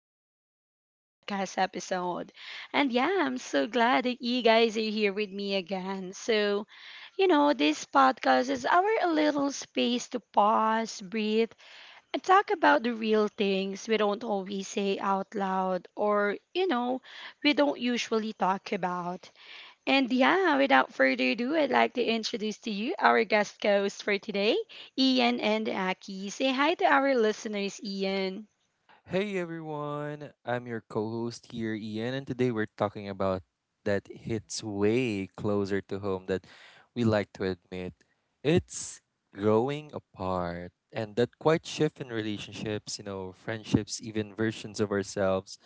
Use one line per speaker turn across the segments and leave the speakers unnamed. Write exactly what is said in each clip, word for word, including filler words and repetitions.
back to another podcast episode. And yeah, I'm so glad that you guys are here with me again. So, you know, this podcast is our little space to pause, breathe, and talk about the real things we don't always say out loud or, you know, we don't usually talk about. And yeah, without further ado, I'd like to introduce to you our guest host for today, Ian and Aki. Say hi to our listeners, Ian.
Hey everyone, I'm your co host here, Ian, and today we're talking about that hits way closer to home that we like to admit. It's growing apart, and that quite shift in relationships, you know, friendships, even versions of ourselves,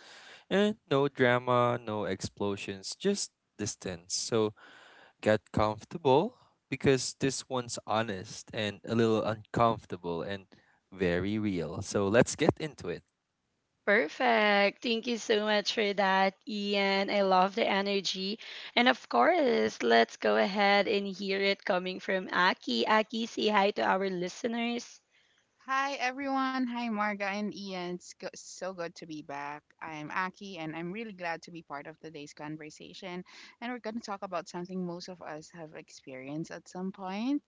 and no drama, no explosions, just distance. So get comfortable because this one's honest and a little uncomfortable and very real. So let's get into it.
Perfect. Thank you so much for that, Ian. I love the energy. And of course, let's go ahead and hear it coming from Aki. Aki, say hi to our listeners.
Hi everyone. Hi Marga and Ian. It's go- so good to be back. I'm Aki and I'm really glad to be part of today's conversation. And we're going to talk about something most of us have experienced at some point: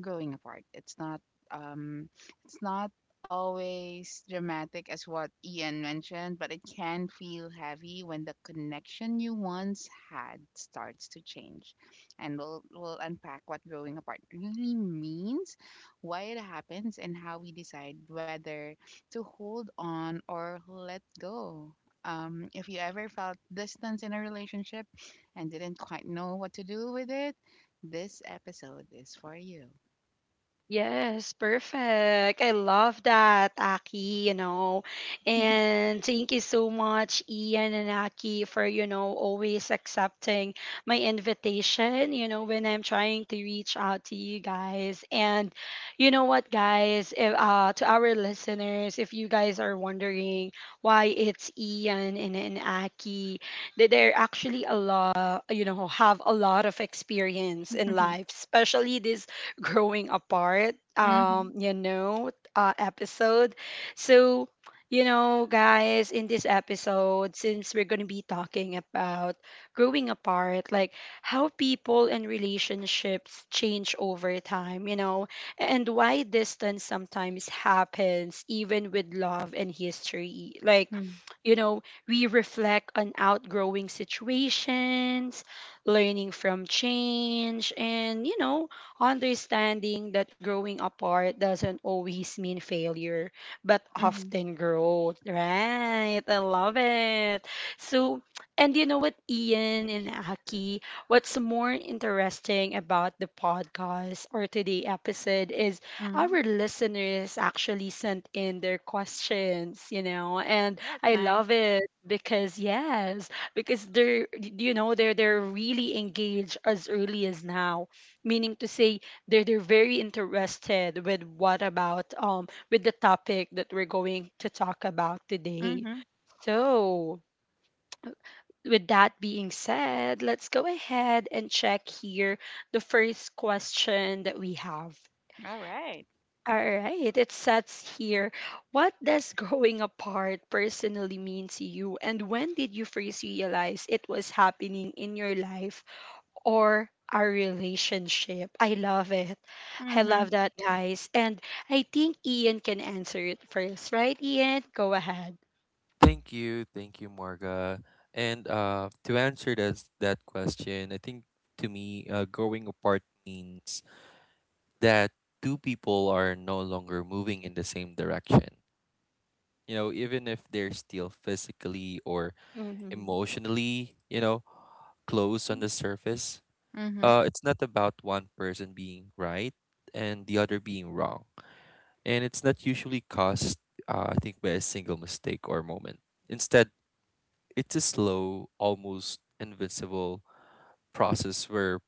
growing apart. It's not um it's not always dramatic as what Ian mentioned, but it can feel heavy when the connection you once had starts to change. And we'll we'll unpack what growing apart really means, why it happens, and how we decide whether to hold on or let go. Um, if you ever felt distance in a relationship and didn't quite know what to do with it, this episode is for you.
Yes, perfect. I love that, Aki, you know. And thank you so much, Ian and Aki, for, you know, always accepting my invitation, you know, when I'm trying to reach out to you guys. And you know what, guys, if, uh, to our listeners, if you guys are wondering why it's Ian and, and Aki, that they're actually a lot, you know, have a lot of experience in
Mhm,
life, especially this growing apart um
mhm,
you know uh, episode. So you know guys, in this episode, since we're going to be talking about growing apart, like how people and relationships change over time, you know and why distance sometimes happens even with love and history, like
mm,
you know we reflect on outgrowing situations, learning from change, and you know understanding that growing apart doesn't always mean failure, but
mhm,
often growth. Right. I love it. So, and you know what, Ian and Aki, what's more interesting about the podcast or today episode is
mhm.
our listeners actually sent in their questions, you know, and
That's
I
nice.
love it because yes, because they're you know they're they're really engaged as early as now, meaning to say they're they're very interested with what about um with the topic that we're going to talk about today.
Mhm.
So, with that being said, let's go ahead and check here the first question that we have.
All right.
All right, it says here, what does growing apart personally mean to you, and when did you first realize it was happening in your life or our relationship? I love it. I love
Mhm,
that, guys. And I think Ian can answer it first, right? Ian, go ahead.
Thank you, thank you, Marga. And uh, to answer that that question, I think to me, uh, growing apart means that two people are no longer moving in the same direction. You know, even if they're still physically or
Mm-hmm.
emotionally, you know, close on the surface,
mhm,
uh, it's not about one person being right and the other being wrong, and it's not usually caused, uh, I think, by a single mistake or moment. Instead, it's a slow, almost invisible process where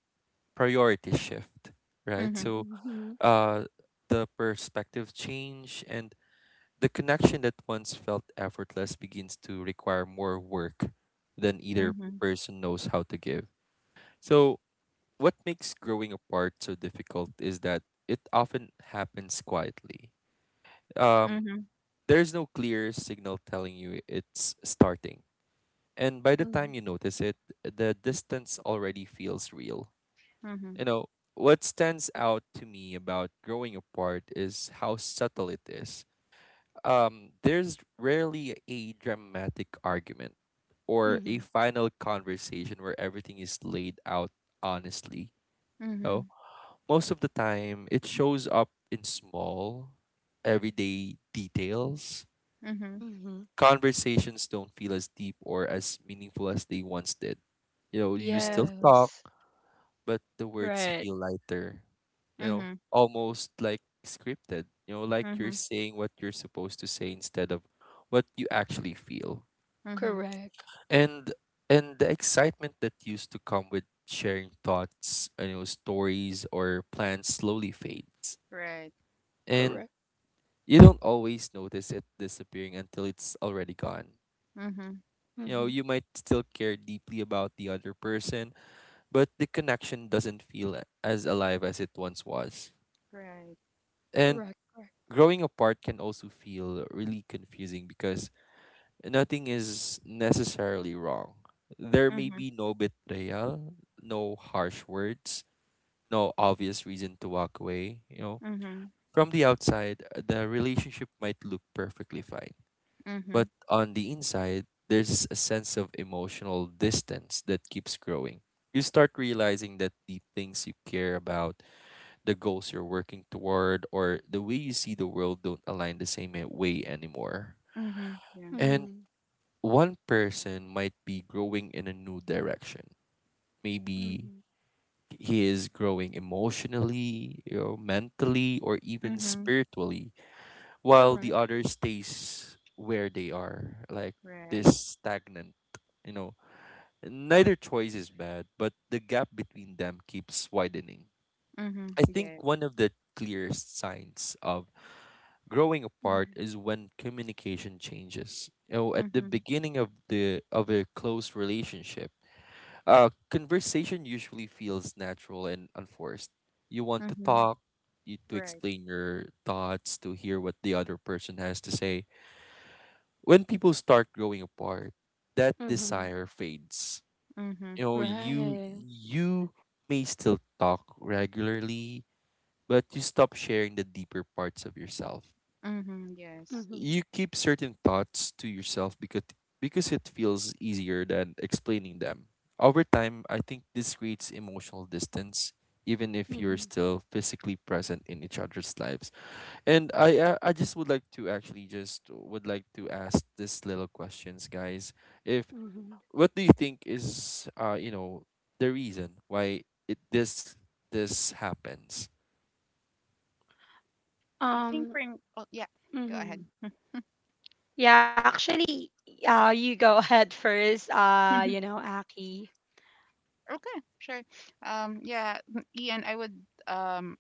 priorities shift, right?
mhm,
So
Mm-hmm.
uh, the perspective change and the connection that once felt effortless begins to require more work than either
mhm,
person knows how to give. So what makes growing apart so difficult is that it often happens quietly. Um,
mhm,
there's no clear signal telling you it's starting, and by the time you notice it, the distance already feels real. You
mhm,
know, what stands out to me about growing apart is how subtle it is. Um, there's rarely a dramatic argument or a
Mm-hmm.
final conversation where everything is laid out honestly. You know?
mhm,
Most of the time, it shows up in small, everyday details.
mhm.
Mm-hmm.
Conversations don't feel as deep or as meaningful as they once did. You know, you still
Right.
talk,
Yes.
but the words
Right.
feel lighter, you know,
Mhm,
almost like scripted, you know, like you're
mhm,
saying what you're supposed to say instead of what you actually feel.
mhm.
Correct.
And and the excitement that used to come with sharing thoughts, you know, stories or plans slowly fades.
Right.
And
Correct.
you don't always notice it disappearing until it's already gone.
Mhm.
You know,
Mm-hmm.
you might still care deeply about the other person, but the connection doesn't feel a- as alive as it once was.
Right.
And
Correct. Correct.
growing apart can also feel really confusing because nothing is necessarily wrong. There may
Mhm,
be no betrayal, no harsh words, no obvious reason to walk away, you know.
mhm,
From the outside, the relationship might look perfectly fine, but
mhm,
on the inside, there's a sense of emotional distance that keeps growing. You start realizing that the things you care about, the goals you're working toward, or the way you see the world don't align the same a- way anymore.
mhm. Yeah.
Mm-hmm.
And one person might be growing in a new direction.
Mm-hmm.
Maybe he is growing emotionally, you know, mentally, or even
Mhm.
spiritually while
Correct.
the other stays where they are, like
Right.
this stagnant, you know. Neither choice is bad, but the gap between them keeps widening.
Mhm.
I think
Yeah.
one of the clearest signs of growing apart
Mm-hmm.
is when communication changes. You know, at the
Mhm,
beginning of the of a close relationship, uh, conversation usually feels natural and unforced. You want to
mhm.
talk, you to
Right.
explain your thoughts, to hear what the other person has to say. When people start growing apart, that
Mm-hmm.
desire fades.
Mhm.
You know,
Yeah.
you
Right.
you may still talk regularly, but you stop sharing the deeper parts of yourself.
Mhm. Yes.
Mm-hmm.
You keep certain thoughts to yourself because because it feels easier than explaining them. Over time, I think this creates emotional distance even if you're
Mm-hmm.
still physically present in each other's lives. And I, I I just would like to actually just would like to ask this little questions, guys. If
Mm-hmm.
what do you think is uh you know the reason why it this this happens?
I
Um.
think for m- oh yeah. Go
Mm-hmm.
ahead.
Yeah, actually, uh, you go ahead first. Uh, you know, Aki.
Okay, sure. Um, yeah, m- Ian, I would um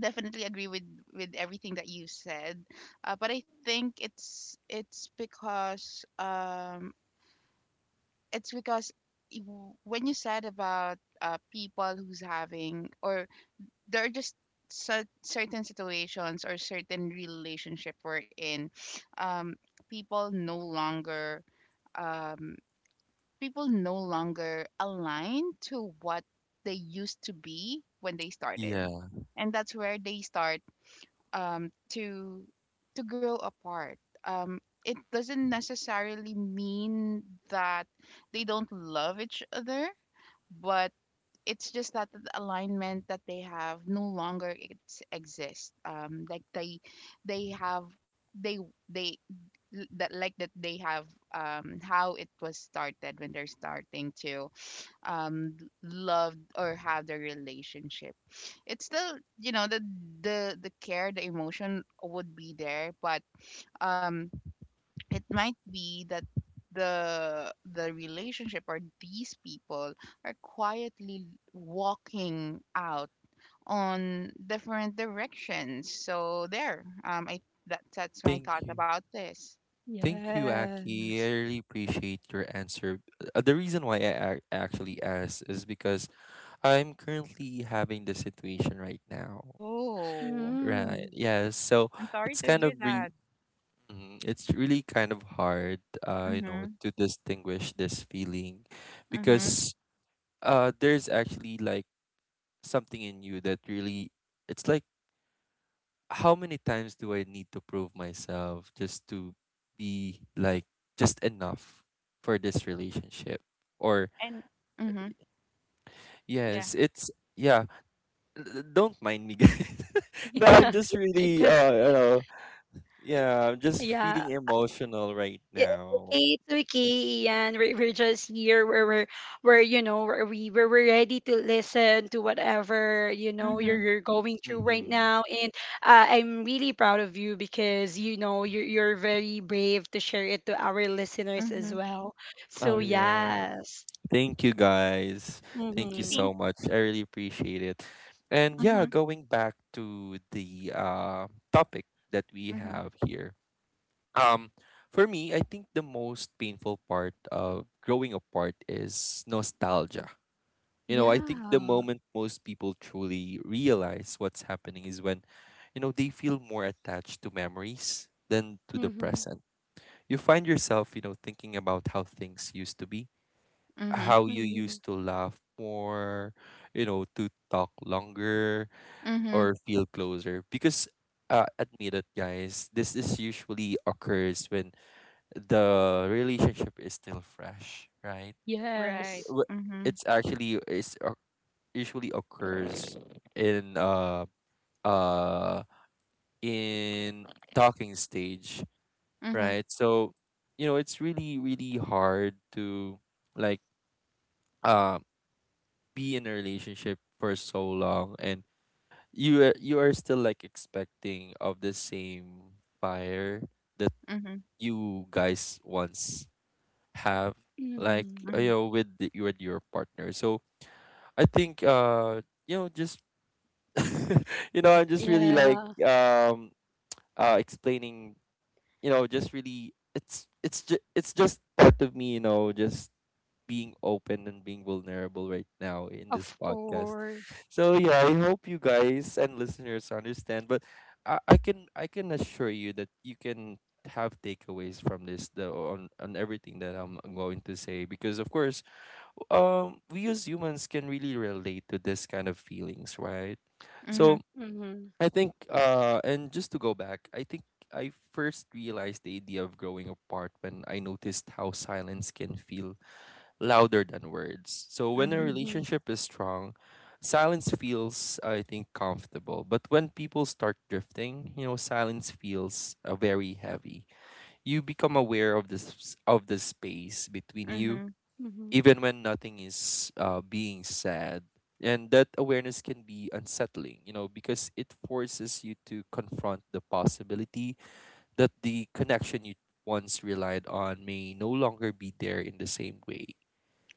definitely agree with with everything that you said. Uh, but I think it's it's because um it's because y- w- when you said about uh people who's having, or there are just cer- certain situations or certain relationship we're in, um people no longer um people no longer align to what they used to be when they started,
Yeah.
and that's where they start um, to to grow apart. um, it doesn't necessarily mean that they don't love each other, but it's just that the alignment that they have no longer, it's, exists, um, like they they have they they l- that like that they have, um, how it was started when they're starting to, um, loved or have the relationship. It's still, you know, the the the care, the emotion would be there, but, um, it might be that the the relationship or these people are quietly walking out on different directions. So there, um i that, that's my
Thank
thought
you.
about this.
Thank you, Aki. I
Yes.
really appreciate your answer. Uh, the reason why I ac- actually asked is because I'm currently having the situation right now.
Oh,
Right.
Mm.
Yeah. So
I'm sorry
it's
to
kind
hear
of re
that.
Mm, it's really kind of hard, uh, you know,
Mm-hmm,
to distinguish this feeling
mm-hmm.
because uh, there's actually like something in you that really, it's like, how many times do I need to prove myself just to be like just enough for this relationship? Or,
And mm-hmm, yeah,
yes, it's, yeah, l- don't mind me, guys. No, I'm
Yeah.
just really, uh,
Because
you know, yeah, I'm just
yeah.
feeling emotional right
i- It's
now.
okay, it's okay. And We're, we're just here where we're, where you know, where we where we're ready to listen to whatever you know you're,
mm-hmm.
you're going through right
Mm-hmm.
now, and uh, I'm really proud of you because you know you're you're very brave to share it to our listeners as
Mhm.
well.
Oh,
So
yeah.
yes.
Thank you guys. Thank
You
you
Mm-hmm.
think?
so much. I really appreciate it. And yeah,
Mhm.
going back to the uh, topic that we
Mhm.
have here. Um, for me, I think the most painful part of growing apart is nostalgia. You know, I think the
Yeah.
moment most people truly realize what's happening is when, you know, they feel more attached to memories than to the
Mhm.
present. You find yourself, you know, thinking about how things used to be,
Mhm.
how you
Mhm.
used to laugh more, you know, to talk longer
Mhm.
or feel closer. Because uh, admit it, guys, this is usually occurs when the relationship is still fresh, right?
Right.
Yes.
Wh-
Mhm.
It's actually it's oc- Usually occurs in uh uh in talking stage,
Mhm.
right? So you know, it's really really hard to like um be in a relationship for so long and you are, you are still like expecting of the same fire that
Mhm.
you guys once have, like
Mhm.
uh, you
Mhm.
know, with the, you and your partner. So I think uh you know just you know I'm just really like
Yeah.
um uh explaining, you know, just really it's it's just it's just part of me, you know, just being open and being vulnerable right now in this
Of
podcast.
course.
So yeah, I hope you guys and listeners understand. But I, I can I can assure you that you can have takeaways from this the, on on everything that I'm going to say because of course um we as humans can really relate to this kind of feelings, right? So
Mhm.
Mhm.
I think uh and just to go back, I think I first realized the idea of growing apart when I noticed how silence can feel louder than words. So when a
Mhm.
Mhm.
relationship is strong, silence feels, I think, comfortable. But when people start drifting, you know, silence feels uh, very heavy. You become aware of this of the space between you,
Mhm.
Mhm.
even when nothing is uh, being said. And that awareness can be unsettling, you know, because it forces you to confront the possibility that the connection you once relied on may no longer be there in the same way,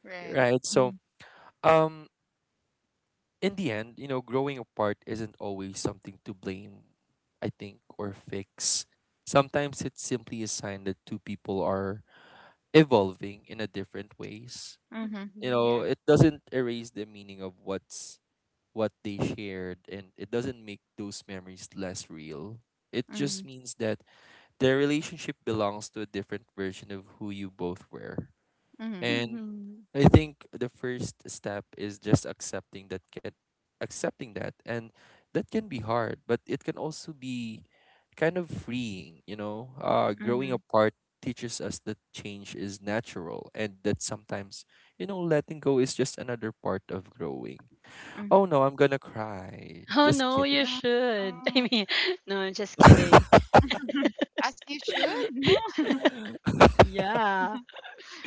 Right.
right? So
Mhm.
um in the end, you know, growing apart isn't always something to blame, I think, or fix. Sometimes it's simply a sign that two people are evolving in a different ways,
Mhm.
you
Mhm.
know.
Yeah.
It doesn't erase the meaning of what's what they shared, and it doesn't make those memories less real. It just
Mhm.
means that their relationship belongs to a different version of who you both were,
Mhm.
and
Mhm.
I think the first step is just accepting that can accepting that, and that can be hard, but it can also be kind of freeing, you know. Uh growing
Mhm.
apart teaches us that change is natural and that sometimes, you know, letting go is just another part of growing. Oh
Mhm.
no, I'm gonna cry.
Oh
Just
no, you
kidding.
No.
should. I mean, no, I'm just kidding.
As you should. No.
Yeah.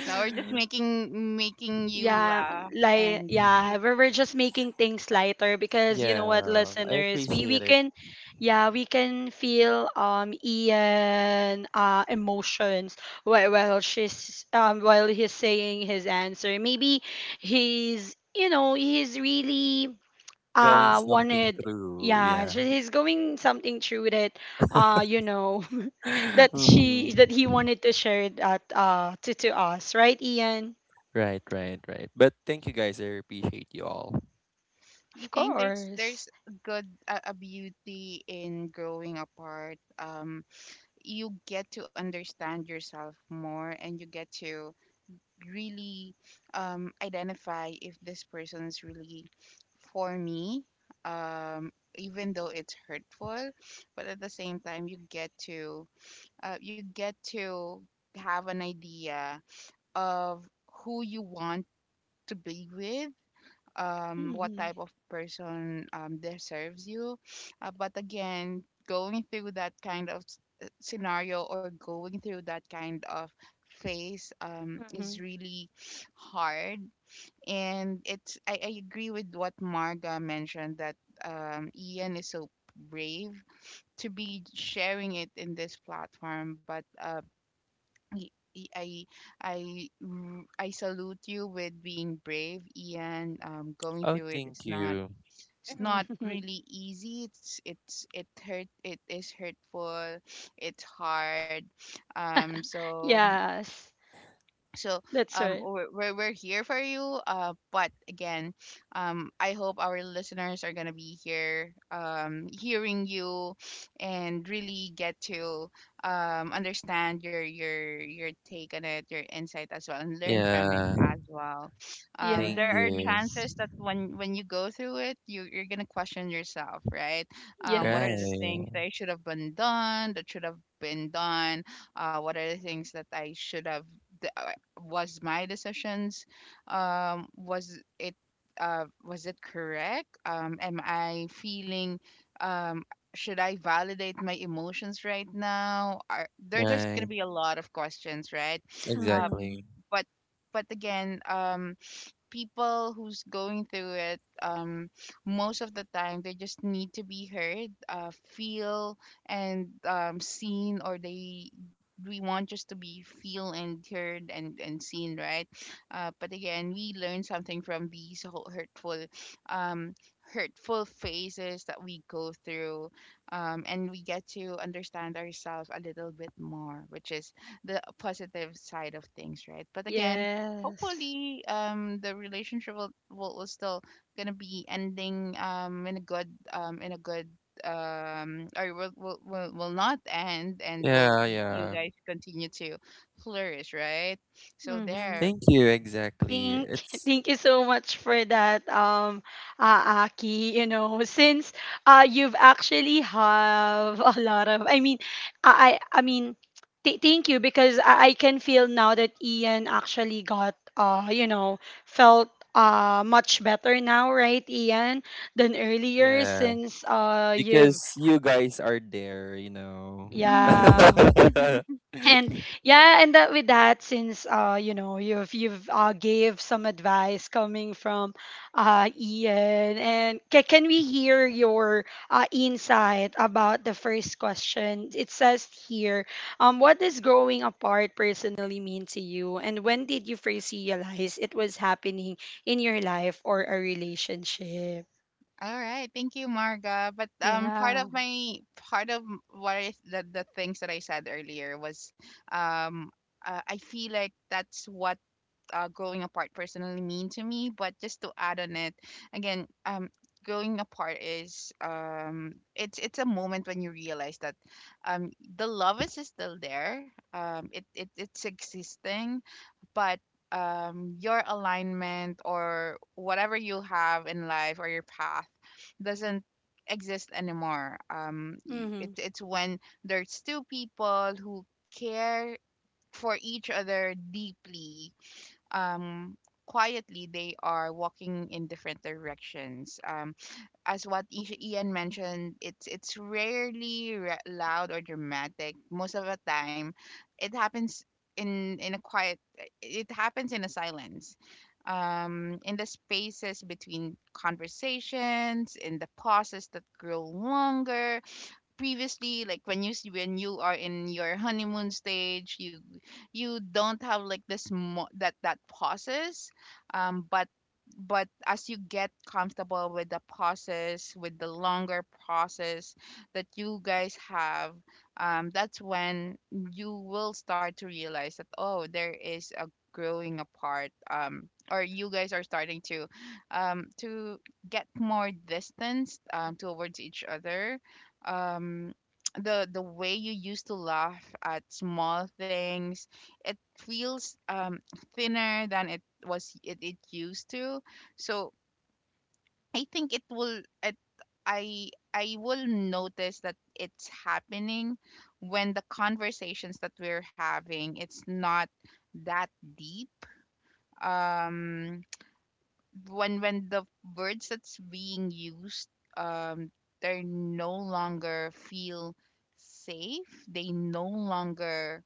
No, we're just making making you
Yeah,
laugh.
like
And
yeah,
you
we're, we're just making things lighter because you know what,
Yeah, I
listeners, we we
appreciate it.
can, yeah, we can feel um Ian uh emotions while while she's um while he's saying his answer. Maybe he's you know he's really
Going
uh
something
wanted.
through,
Yeah,
yeah.
so he's going something through that uh you know that
Mhm.
she that he wanted to share that uh to to us, right, Ian?
Right, right, right. But thank you guys. I appreciate you all.
you
Of
think there's
course.
there's good, uh, a beauty in growing apart. Um you get to understand yourself more, and you get to really um, identify if this person is really for me, um, even though it's hurtful. But at the same time, you get to, uh, you get to have an idea of who you want to be with, um, what
Mm-hmm.
type of person, um, deserves you. Uh, but again, going through that kind of s- uh, scenario, or going through that kind of phase, um, is
Mm-hmm.
really hard. And it's I, I agree with what Marga mentioned, that, um, Ian is so brave to be sharing it in this platform. But I I I r- I salute you with being brave, Ian. Um, going
Oh,
through it,
thank
it's not,
you.
it's not really easy. It's it's it hurt. It is hurtful. It's hard. Um, so,
Yes,
so
that's
um,
right.
we're, we're we're here for you. Uh but again, um, I hope our listeners are gonna be here, um, hearing you and really get to, um, understand your your your take on it, your insight as well, and learn from it
Yeah,
as well. Um,
thank
there are
you.
Yes.
chances that when when you go through it, you, you're gonna question yourself, right? Um, what
Right,
are the
Yes.
things that I should have been done, that should have been done uh what are the things that I should have was my decisions, um, was it, uh was it correct, um, am I feeling, um, should I validate my emotions right now? Are, there, there's going to
right.
be a lot of questions, right? uh
Mm-hmm.
Exactly.
but, but again, um, people who's going through it, um, most of the time they just need to be heard, uh feel and, um, seen, or they, we want just to be feel and heard and, and seen, right? Uh but again, we learn something from these ho- hurtful, um hurtful phases that we go through, um, and we get to understand ourselves a little bit more, which is the positive side of things, right? But again,
Yes.
hopefully, um, the relationship will, will, will still gonna be ending, um, in a good, um, in a good, um, or will, will, will, will not end, and will y-
Yeah,
you
yeah.
guys continue to flourish, right? So
Mm-hmm.
there.
Thank you. Exactly.
Thank,
It's,
thank you so much for that, um, uh, Aki. You know, since uh, you've actually have a lot of, I mean, I, I I mean, th- thank you because I, I can feel now that Ian actually got, uh, you know, felt uh much better now, right, Ian, than earlier
yeah,
since uh you've,
because you guys are there, you know.
Hmm.
yeah, and yeah. And that with that, since uh you know you've you've uh gave some advice coming from uh Ian, and ca- can we hear your uh insight about the first question? It says here, um what does growing apart personally mean to you, and when did you first realize it was happening in your life or a relationship?
All right, thank you, Marga. But, um, part
Yeah.
of my, part of m- what I, the the things that I said earlier was, um, uh, I feel like that's what, uh, growing apart personally mean to me. But just to add on it, again, um, growing apart is, um, it's it's a moment when you realize that, um, the love is still there. Um, it, it it's existing, but, um, your alignment or whatever you have in life, or your path, doesn't exist anymore. Um, y-
Mm-hmm.
it, it's when there's two people who care for each other deeply, um, quietly they are walking in different directions. Um, as what Isha- ian mentioned, it's it's rarely ra- loud or dramatic. Most of the time it happens in in a quiet, it happens in a silence, um, in the spaces between conversations, in the pauses that grow longer. Previously, like when you s- when you are in your honeymoon stage, you you don't have like this mo- that that pauses. Um, but, but as you get comfortable with the process, with the longer process that you guys have, um, that's when you will start to realize that, oh, there is a growing apart, um, or you guys are starting to, um, to get more distance, um, towards each other. Um, the the way you used to laugh at small things, it feels, um, thinner than it was, it, it used to. So I think it will, it i i will notice that it's happening when the conversations that we're having, it's not that deep. Um, when when the words that's being used, um, they no longer feel safe, they no longer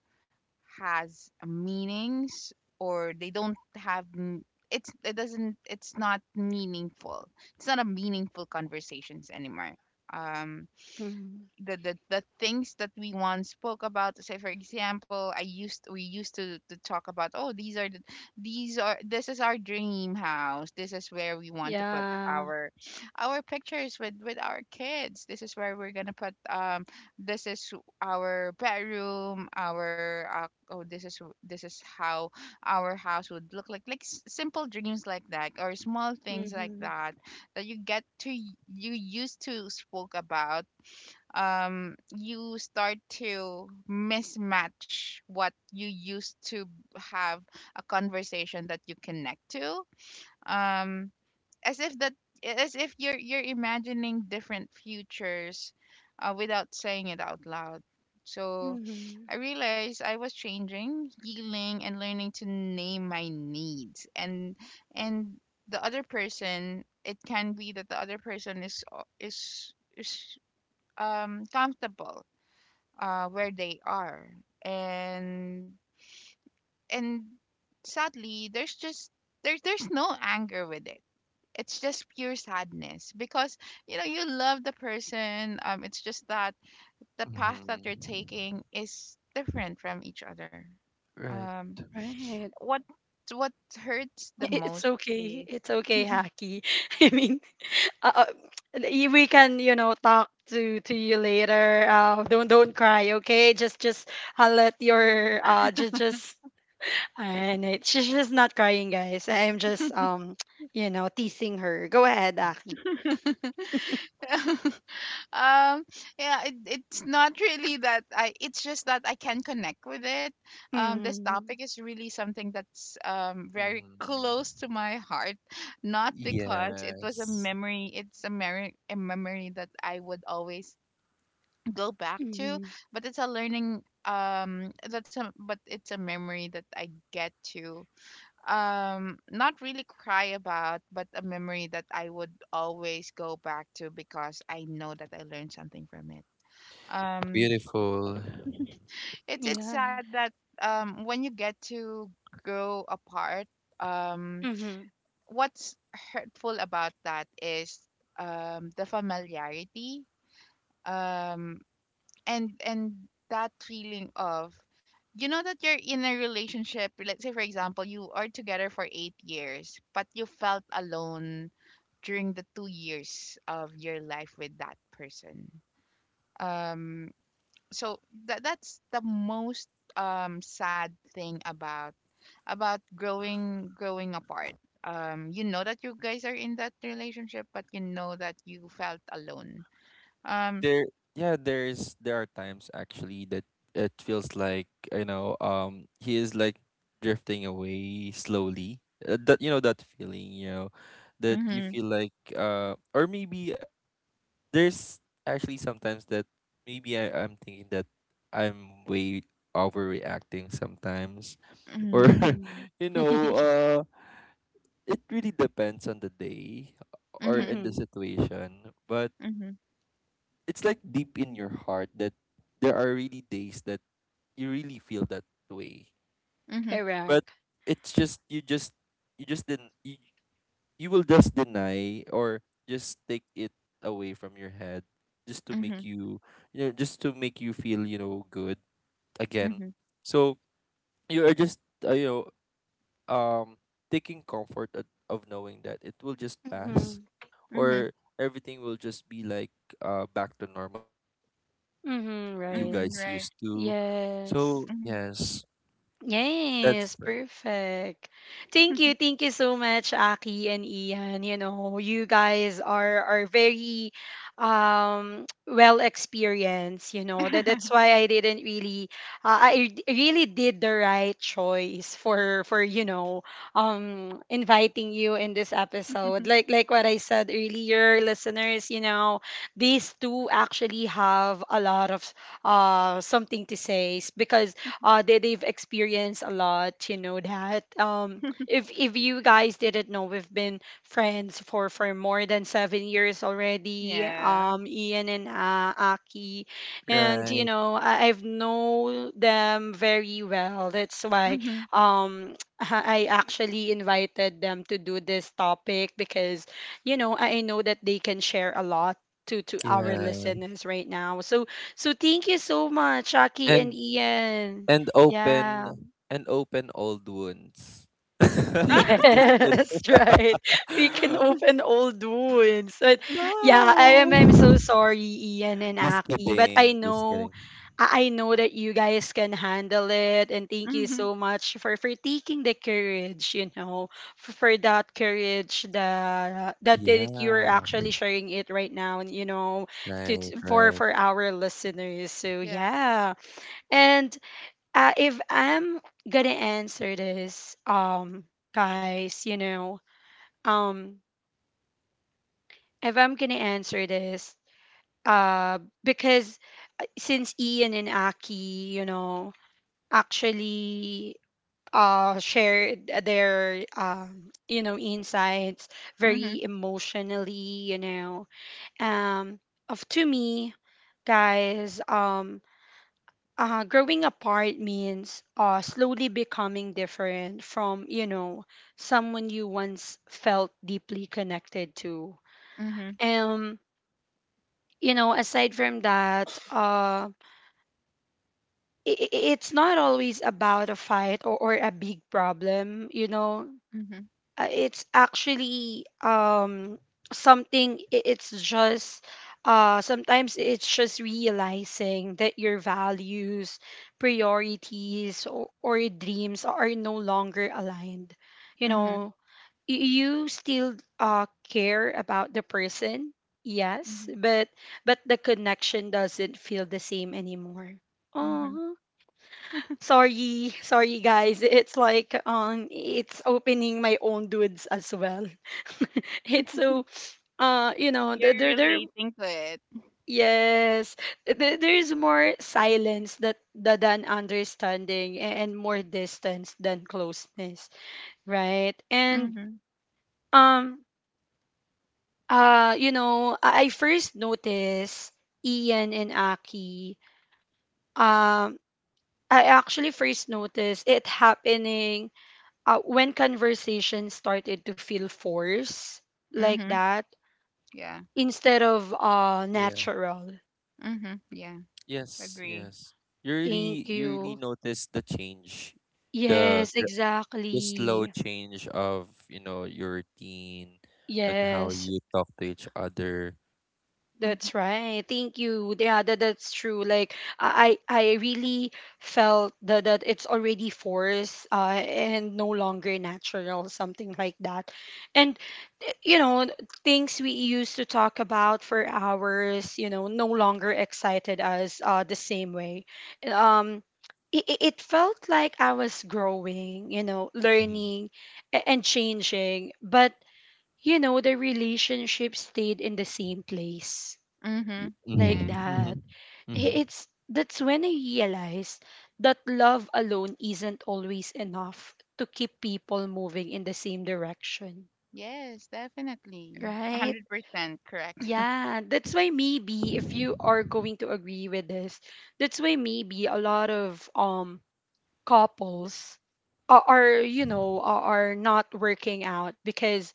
has meanings, or they don't have, m- it's, it doesn't, it's not meaningful. It's not a meaningful conversations anymore. Um,
Mm-hmm.
the, the the things that we once spoke about, say for example, I used we used to, to talk about, oh, these are the, these are this is our dream house, this is where we want to put
Yeah.
our our pictures with, with our kids, this is where we're gonna put, um, this is our bedroom, our, uh, oh, this is, this is how our house would look like. Like s- simple dreams like that, or small things like
Mm-hmm.
that, that you get to, y- you used to spoke about. Um, you start to mismatch what you used to have, a conversation that you connect to, um, as if that, as if you're you're imagining different futures, uh, without saying it out loud. So
Mm-hmm.
I realized I was changing, healing, and learning to name my needs. And, and the other person, it can be that the other person is, is is um, comfortable, uh, where they are. And, and sadly there's just, there's there's no anger with it. It's just pure sadness, because, you know, you love the person. Um, it's just that the path
Hmm.
that they're taking is different from each other.
Right.
Um,
Right.
what, what hurts the
It's
most
okay.
is
It's okay, Haki. I mean, uh, uh, y- we can, you know, talk to to you later. Uh, don't don't cry, okay? Just just uh, let your uh just just and it, she's just not crying, guys. I'm just um, you know, teasing her. Go ahead, Aki.
um, yeah, it, it's not really that I, it's just that I can connect with it. Um, this
Mm-hmm.
topic is really something that's, um, very
Hmm.
close to my heart. Not because it was a
Yes.
memory, it's a, mer- a memory that I would always go back to,
Mm-hmm.
but it's a learning, um, that's a, but it's a memory that I get to, um, not really cry about, but a memory that I would always go back to, because I know that I learned something from it. Um,
Beautiful.
it's it's
Yeah.
sad that, um, when you get to grow apart, um,
Mm-hmm.
what's hurtful about that is, um, the familiarity, um, and, and that feeling of, you know, that you're in a relationship. Let's say, for example, you are together for eight years, but you felt alone during the two years of your life with that person. Um, so that, that's the most, um, sad thing about, about growing growing apart. Um, you know that you guys are in that relationship, but you know that you felt alone. Um,
There, yeah, there is, there are times actually that it feels like, you know, um he is like drifting away slowly, uh, that you know, that feeling, you know, that you
mhm,
feel like uh or maybe there's actually sometimes that maybe I, I'm thinking that I'm way overreacting sometimes, or
mhm,
Mm-hmm.
you know uh it really depends on the day or
mhm,
in the
Mm-hmm.
situation. But
mhm,
it's like deep in your heart that there are really days that you really feel that way.
mhm,
But
Correct.
it's just you just you just didn't you, you will just deny or just take it away from your head just to make
mhm,
you, you know, just to make you feel, you know, good again.
mhm,
So you are just uh, you know, um taking comfort at, of knowing that it will just pass,
Mm-hmm.
mhm,
or everything will just be like uh back to normal again, like you
Mm-hmm.
guys
Right.
used
mhm, right,
to. So
Yes.
mhm.
yes, that's
Yes,
r-
perfect. Thank you. Thank you so much, Aki and Ian. You know, you guys are are very um well experienced, you know. That that's why I didn't really uh, I d- really did the right choice for for you know, um inviting you in this episode. Like like what I said earlier, listeners, you know, these two actually have a lot of uh something to say, s- because uh, they, they've experienced a lot. You know that, um, if if you guys didn't know, we've been friends for for more than seven years already,
Yeah,
um, Ian and uh, Aki, and you
right.
know, I, I've known them very well. That's why,
mhm.
um, I actually invited them to do this topic, because you know, I know that they can share a lot to to our
Yeah,
listeners right now. So, so thank you so much, Aki and
and
Ian.
and open
Yeah.
and open old wounds. Just
Yes,
kidding.
right. We can open old wounds. But yeah, I am I'm so
No.
sorry, Ian and
Just
Aki, but I
kidding. Just
know
kidding.
I I know that you guys can handle it, and thank
Mhm,
you
mhm,
so much for for taking the courage, you know, for, for that courage that that that you're
Yeah.
actually sharing it right now and you know to,
Right.
to
mhm.
for
Right.
for our listeners. So
Yeah,
yeah. And Uh, if I'm gonna answer this, um, guys, you know, um, if I'm gonna answer this, uh, because uh, since Ian and Aki, you know, actually uh shared their um you know insights
mhm,
very emotionally, you know, um of to me, guys, um uh, growing apart means uh, slowly becoming different from you know someone you once felt deeply connected to.
mhm,
um you know, aside from that, uh i i- it's not always about a fight, or, or a big problem, you know.
mhm,
uh, it's actually um something, i- it's just, uh sometimes it's just realizing that your values, priorities or, or dreams are no longer aligned, you
mhm,
know. Y- you still uh care about the person, yes,
mhm,
but but the connection doesn't feel the same anymore.
mhm.
Oh, sorry, sorry guys. It's like um it's opening my own dudes as well. It's so uh you know
Yeah,
th- there
you're
there,
relating to it.
yes, there, there is more silence that, that than understanding, a- and more distance than closeness, right? And
Mhm.
um uh you know, I I first noticed, Ian and Aki, um I actually first noticed it happening uh, when conversation started to feel forced like
Mhm.
that
Yeah.
instead of uh
Yeah.
natural.
Mhm. Yeah.
Yes.
Agree.
Yes. You really,
Thank
you really
you.
notice the change,
Mhm.
the
Yes,
the the slow
exactly.
change of, you know, your routine and how
Yes.
you talk to each other.
Mhm.
That's right. Thank you. Yeah, that, that's true. Like I I I really felt that, that it's already forced, uh, and no longer natural, something like that. And eh, you know, things we used to talk about for hours, you know, no longer excited us uh, the same way. Um, it, it it felt like I was growing, you know,
Mm-hmm.
learning a- and changing, but you know, the relationship stayed in the same place
You,
Mhm.
like
Yeah.
mhm,
that.
mhm,
I-
mhm.
It's that's when I realized that love alone isn't always enough to keep people moving in the same direction,
Yes, definitely.
right?
one hundred percent correct.
Yeah, that's why maybe if you are going to agree with this, that's why maybe a lot of um couples are, are you know are, are not working out because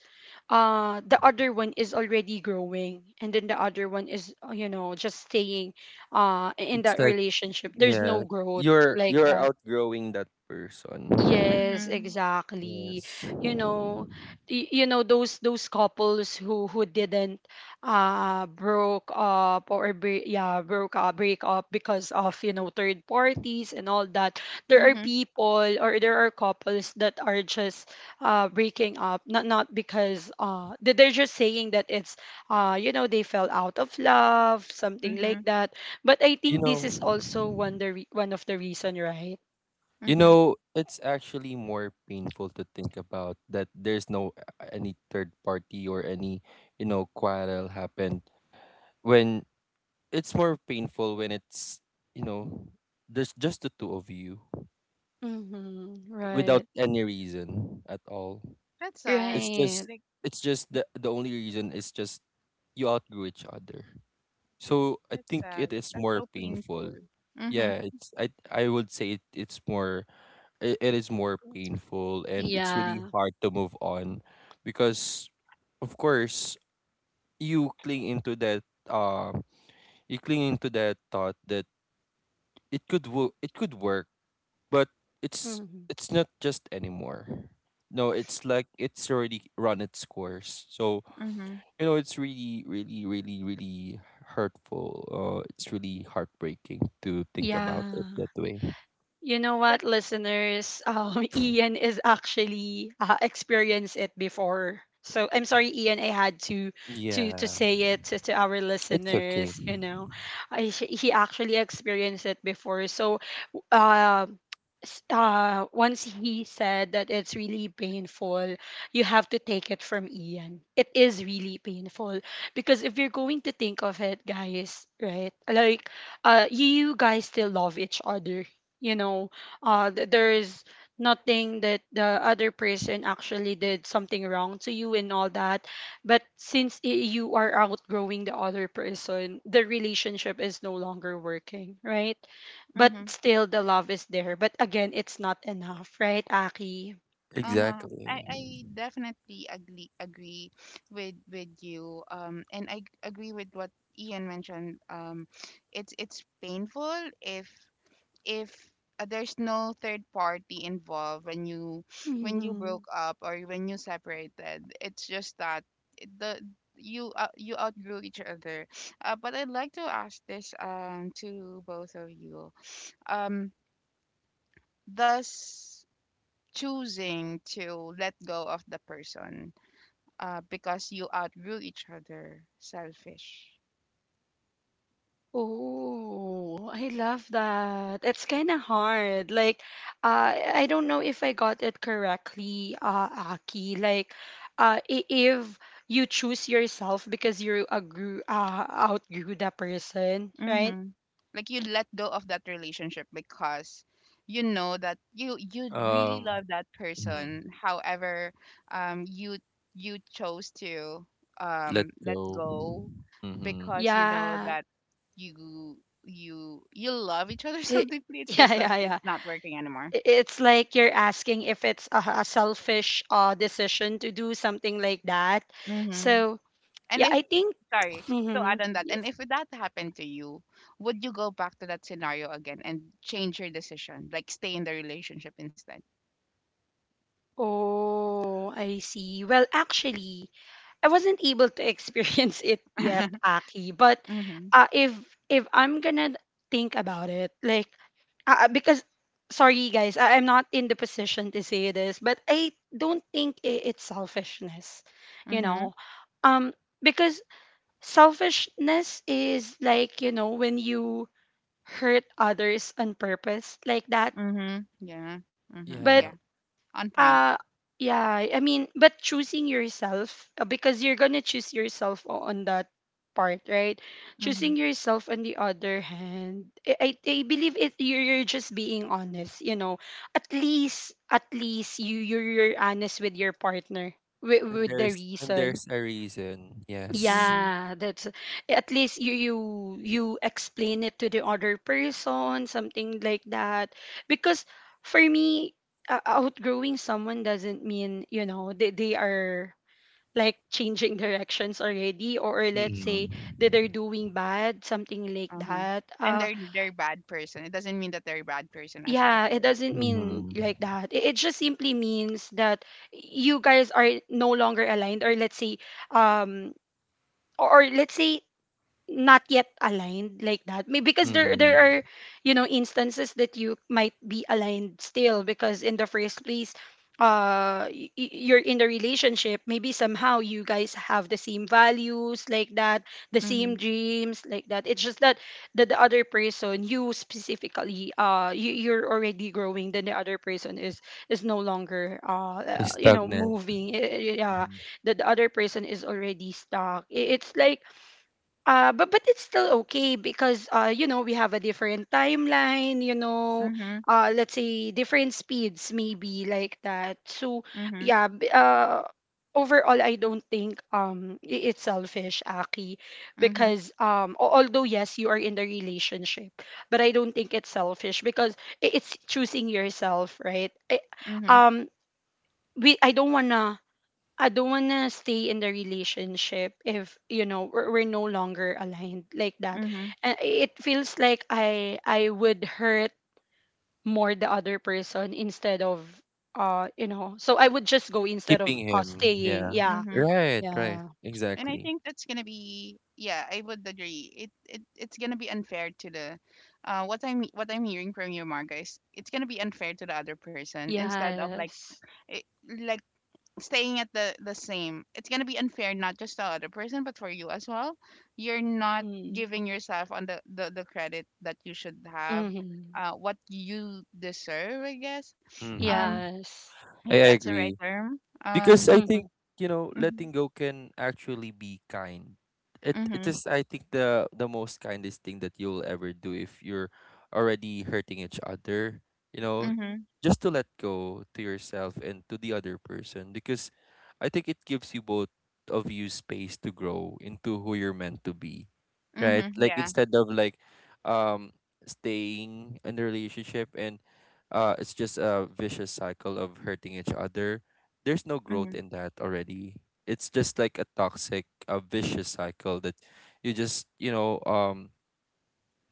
uh the other one is already growing and then the other one is, uh, you know, just staying uh in
It's
that
like
relationship. There's no
yeah,
growth
you're
like
you're
that.
outgrowing that person.
Yes,
Mhm.
exactly.
Yes.
You know, y- you know those those couples who who didn't uh broke up or bre- yeah, broke up, break up because of, you know, third parties and all that. There are
Mhm.
people, or there are couples that are just uh breaking up, not not because uh they- they're just saying that it's uh you know, they fell out of love, something like
Mhm.
that. But I
You
think this is
know,
also one the re- one of the reason, right?
you
Mhm.
know, it's actually more painful to think about that there's no a- any third party or any, you know, quarrel happened when it's more painful when it's, you know, there's just the two of you
Mhm.
without
Right.
any reason at all.
That's sad.
It's
Right.
just
Like,
it's just the the only reason is just you outgrew each other. So I
that's
think
sad.
it is
That's
more
so painful.
painful.
Mhm.
Yeah, it's I I would say it, it's more it, it is more painful and it's really
Yeah.
hard to move on because of course you cling into that um you cling into that thought that it could wo- it could work but it's
Mhm.
it's not just anymore. No, it's like it's already run its course. So
Mhm.
you know it's really really really really hurtful, uh it's really heartbreaking to think about it that
Yeah.
way.
You know
But
what, listeners? Um, Ian is actually uh, experienced it before. So I'm sorry, Ian. I had to to to
Yeah,
say it to, to our
it's okay.
listeners. You know, I, he actually experienced it before. So, uh, s- uh, once he said that it's really painful, you have to take it from Ian. It is really painful because if you're going to think of it, guys, right? Like, uh, you guys still love each other you know uh th- there's nothing that the other person actually did something wrong to you and all that, but since i- you are outgrowing the other person, the relationship is no longer working, right? But
Mm-hmm.
still the love is there, but again it's not enough, right, Aki?
Uh-huh. I,
Exactly.
I definitely agree agree with with you. Um, and I agree with what Ian mentioned. Um, it's it's painful if if uh, there's no third party involved when you when you
Mm-hmm.
broke up or when you separated. It's just that it- the you uh, you outgrew each other. uh, but I'd like to ask this um to both of you. um does choosing to let go of the person uh because you outgrew each other selfish?
Oh, I love that. It's kind of hard. Like, uh, I don't know if I got it correctly, uh, Aki. Like, uh, i- if you choose yourself because you agree, uh, outgrew that person, right?
Mm-hmm. Like you let go of that relationship because you know that you you really
um
love that
mm,
person. However, um, you you chose to
Let
um let
go.
go
Mm-hmm.
because you know
Yeah.
that you you you love each other so
It,
deeply. It's
yeah,
just that
yeah, yeah.
it's not working anymore.
I- It's like you're asking if it's a, a selfish uh, decision to do something like that.
Mm-hmm.
So,
And
yeah,
if
I think.
Sorry to
Mm-hmm.
add on that, and if that happened to you, would you go back to that scenario again and change your decision, like stay in the relationship instead?
Oh, I see. Well, actually, I wasn't able to experience it yet, Aki. But
Mhm.
uh, if if I'm gonna think about it, like uh, uh, because sorry guys, I, I'm not in the position to say this, but I don't think I it's selfishness, you
Mhm.
know, um, because selfishness is like, you know, when you hurt others on purpose like that,
Mhm. Yeah. Mhm.
but
Yeah.
Yeah.
On point.
uh yeah, I mean, but choosing yourself uh, because you're gonna choose yourself o- on that part, right?
Mhm.
Choosing yourself on the other hand, I, I, I believe it you're, you're just being honest, you know. At least at least you you're, you're honest with your partner, with,
and
with the
there's and
reason,
there's a reason, yes.
Mhm.
yeah, that's at least you you you explain it to the other person, something like that. Because for me, uh, outgrowing someone doesn't mean, you know, they, they are like changing directions already, or, or let's say that
Mm-hmm.
they're doing bad, something like
Uh-huh.
that.
And
Uh
they're they're bad person. It doesn't mean that they're a bad person as well,
yeah, it
right?
doesn't mean
Mm-hmm.
like that. It, it just simply means that you guys are no longer aligned, or let's say um or or let's say not yet aligned like that, maybe because there
Mm-hmm.
there are, you know, instances that you might be aligned still, because in the first place uh y- y- you're in the relationship, maybe somehow you guys have the same values like that, the same
Mhm.
dreams like that, it's just that the, the other person, you specifically, uh you, you're already growing, then the other person is is no longer uh uh,
He's
you know,
stagnant.
moving. Eh, eh, yeah,
Mm-hmm.
the, the other person is already stuck. I- it's like uh, but but it's still okay because uh, you know, we have a different timeline, you know,
Mhm.
uh, let's say different speeds maybe like that. So
Mhm.
yeah, b- uh, overall I don't think um i- it's selfish, Aki,
Mhm.
because um al- although yes you are in the relationship, but I don't think it's selfish because i- it's choosing yourself, right? I,
Mhm.
um we I don't wanna I don't want to stay in the relationship if, you know, we're, we're no longer aligned like that.
Mhm.
And it feels like I I would hurt more the other person instead of uh you know. So I would just go instead
Keeping
of uh,
him,
staying.
yeah.
Yeah.
Mhm.
Right right
Yeah.
And I
Exactly.
think that's gonna be Yeah, I would agree. It it it's gonna be unfair to the uh what I'm what I'm hearing from you, Marga, is it's gonna be unfair to the other person instead of like
Yes.
it, like staying at the the same it's going to be unfair not just to the other person but for you as well. You're not
Mm.
giving yourself on the the, the credit that you should have,
Mm-hmm.
uh what you deserve, I guess, um
Mm-hmm.
Yes.
if
I, I
that's the right
agree,
term. um
because I
Mm-hmm.
think, you know, letting
mhm.
go can actually be kind. It it
Mhm.
is I think the the most kindest thing that you'll ever do if you're already hurting each other. You know,
Mhm.
just to let go to yourself and to the other person because I think it gives you both of you space to grow into who you're meant to be, right?
Mhm.
Like
Yeah.
instead of like um staying in the relationship and uh it's just a vicious cycle of hurting each other. There's no growth
Mhm.
in that already. It's just like a toxic, a vicious cycle that you just you know um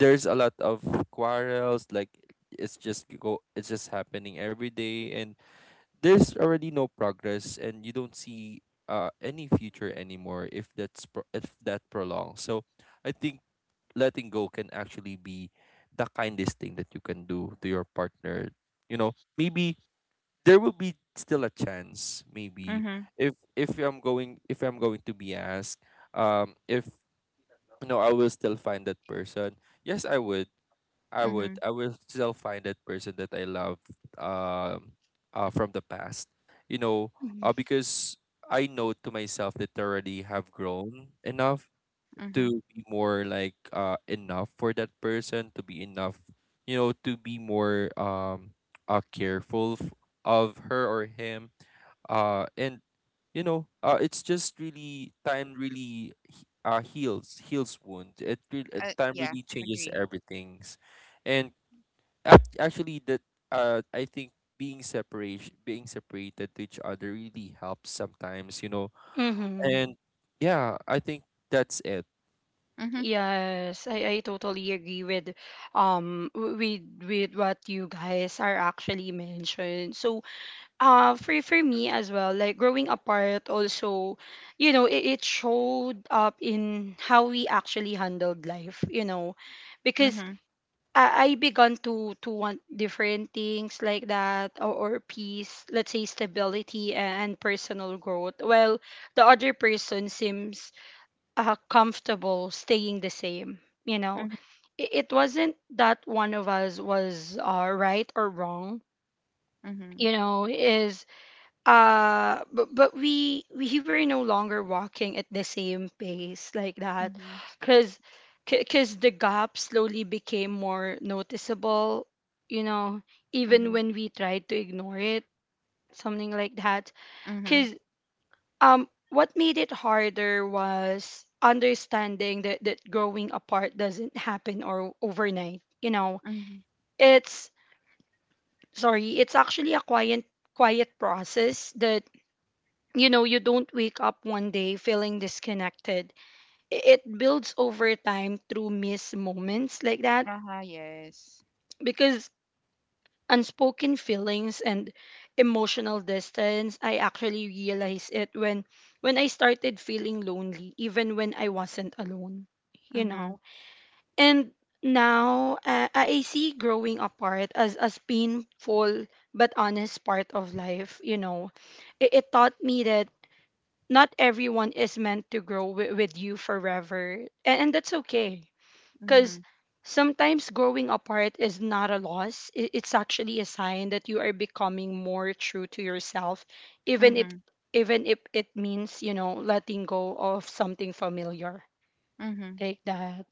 there's a lot of quarrels. Like it's just go it's just happening every day and there's already no progress and you don't see uh any future anymore if that's pro- if that prolongs. So I think letting go can actually be the kindest thing that you can do to your partner. You know, maybe there will be still a chance. Maybe
Mhm.
if if i'm going if I'm going to be asked um if, you know, I will still find that person. Yes, I would. i would
Mhm.
I will still find that person that I love, um uh, from the past. You know, uh, because I know to myself that I already have grown enough
Mhm.
to be more like uh enough for that person, to be enough. You know, to be more um uh, careful f- of her or him. Uh and you know, uh it's just really time really he- uh heals heals wound. It really, uh,
Uh,
time
yeah,
really changes
agree.
everything's. And ac- actually that, uh I think being separation, being separated to each other really helps sometimes, you know.
Mm-hmm.
And yeah, I think that's it.
Mhm.
Yes, I, I totally agree with um w- with with what you guys are actually mentioned. So uh for for me as well, like growing apart also, you know, it, it showed up in how we actually handled life, you know, because
Mhm.
I, I began to to want different things like that, or, or peace, let's say stability and personal growth, while the other person seems uh, comfortable staying the same, you know.
Mhm.
it, it wasn't that one of us was uh, right or wrong,
Mhm.
you know, is uh but, but we we were no longer walking at the same pace like that,
Mhm.
because because the gap slowly became more noticeable, you know, even
Mhm.
when we tried to ignore it, something like that.
Mhm.
Because um what made it harder was understanding that that growing apart doesn't happen or overnight, you know.
Mhm.
It's sorry, it's actually a quiet quiet process that, you know, you don't wake up one day feeling disconnected. I- it builds over time through missed moments like that,
Uh-huh, yes.
because unspoken feelings and emotional distance, I actually realized it when when I started feeling lonely even when I wasn't alone, you
Mhm.
know. And now, uh, I see growing apart as as painful but honest part of life, you know. it, it taught me that not everyone is meant to grow wi- with you forever, and, and that's okay, because
Mhm.
sometimes growing apart is not a loss. I- it's actually a sign that you are becoming more true to yourself, even if
Mhm.
even if it means, you know, letting go of something familiar.
Mhm.
Take that.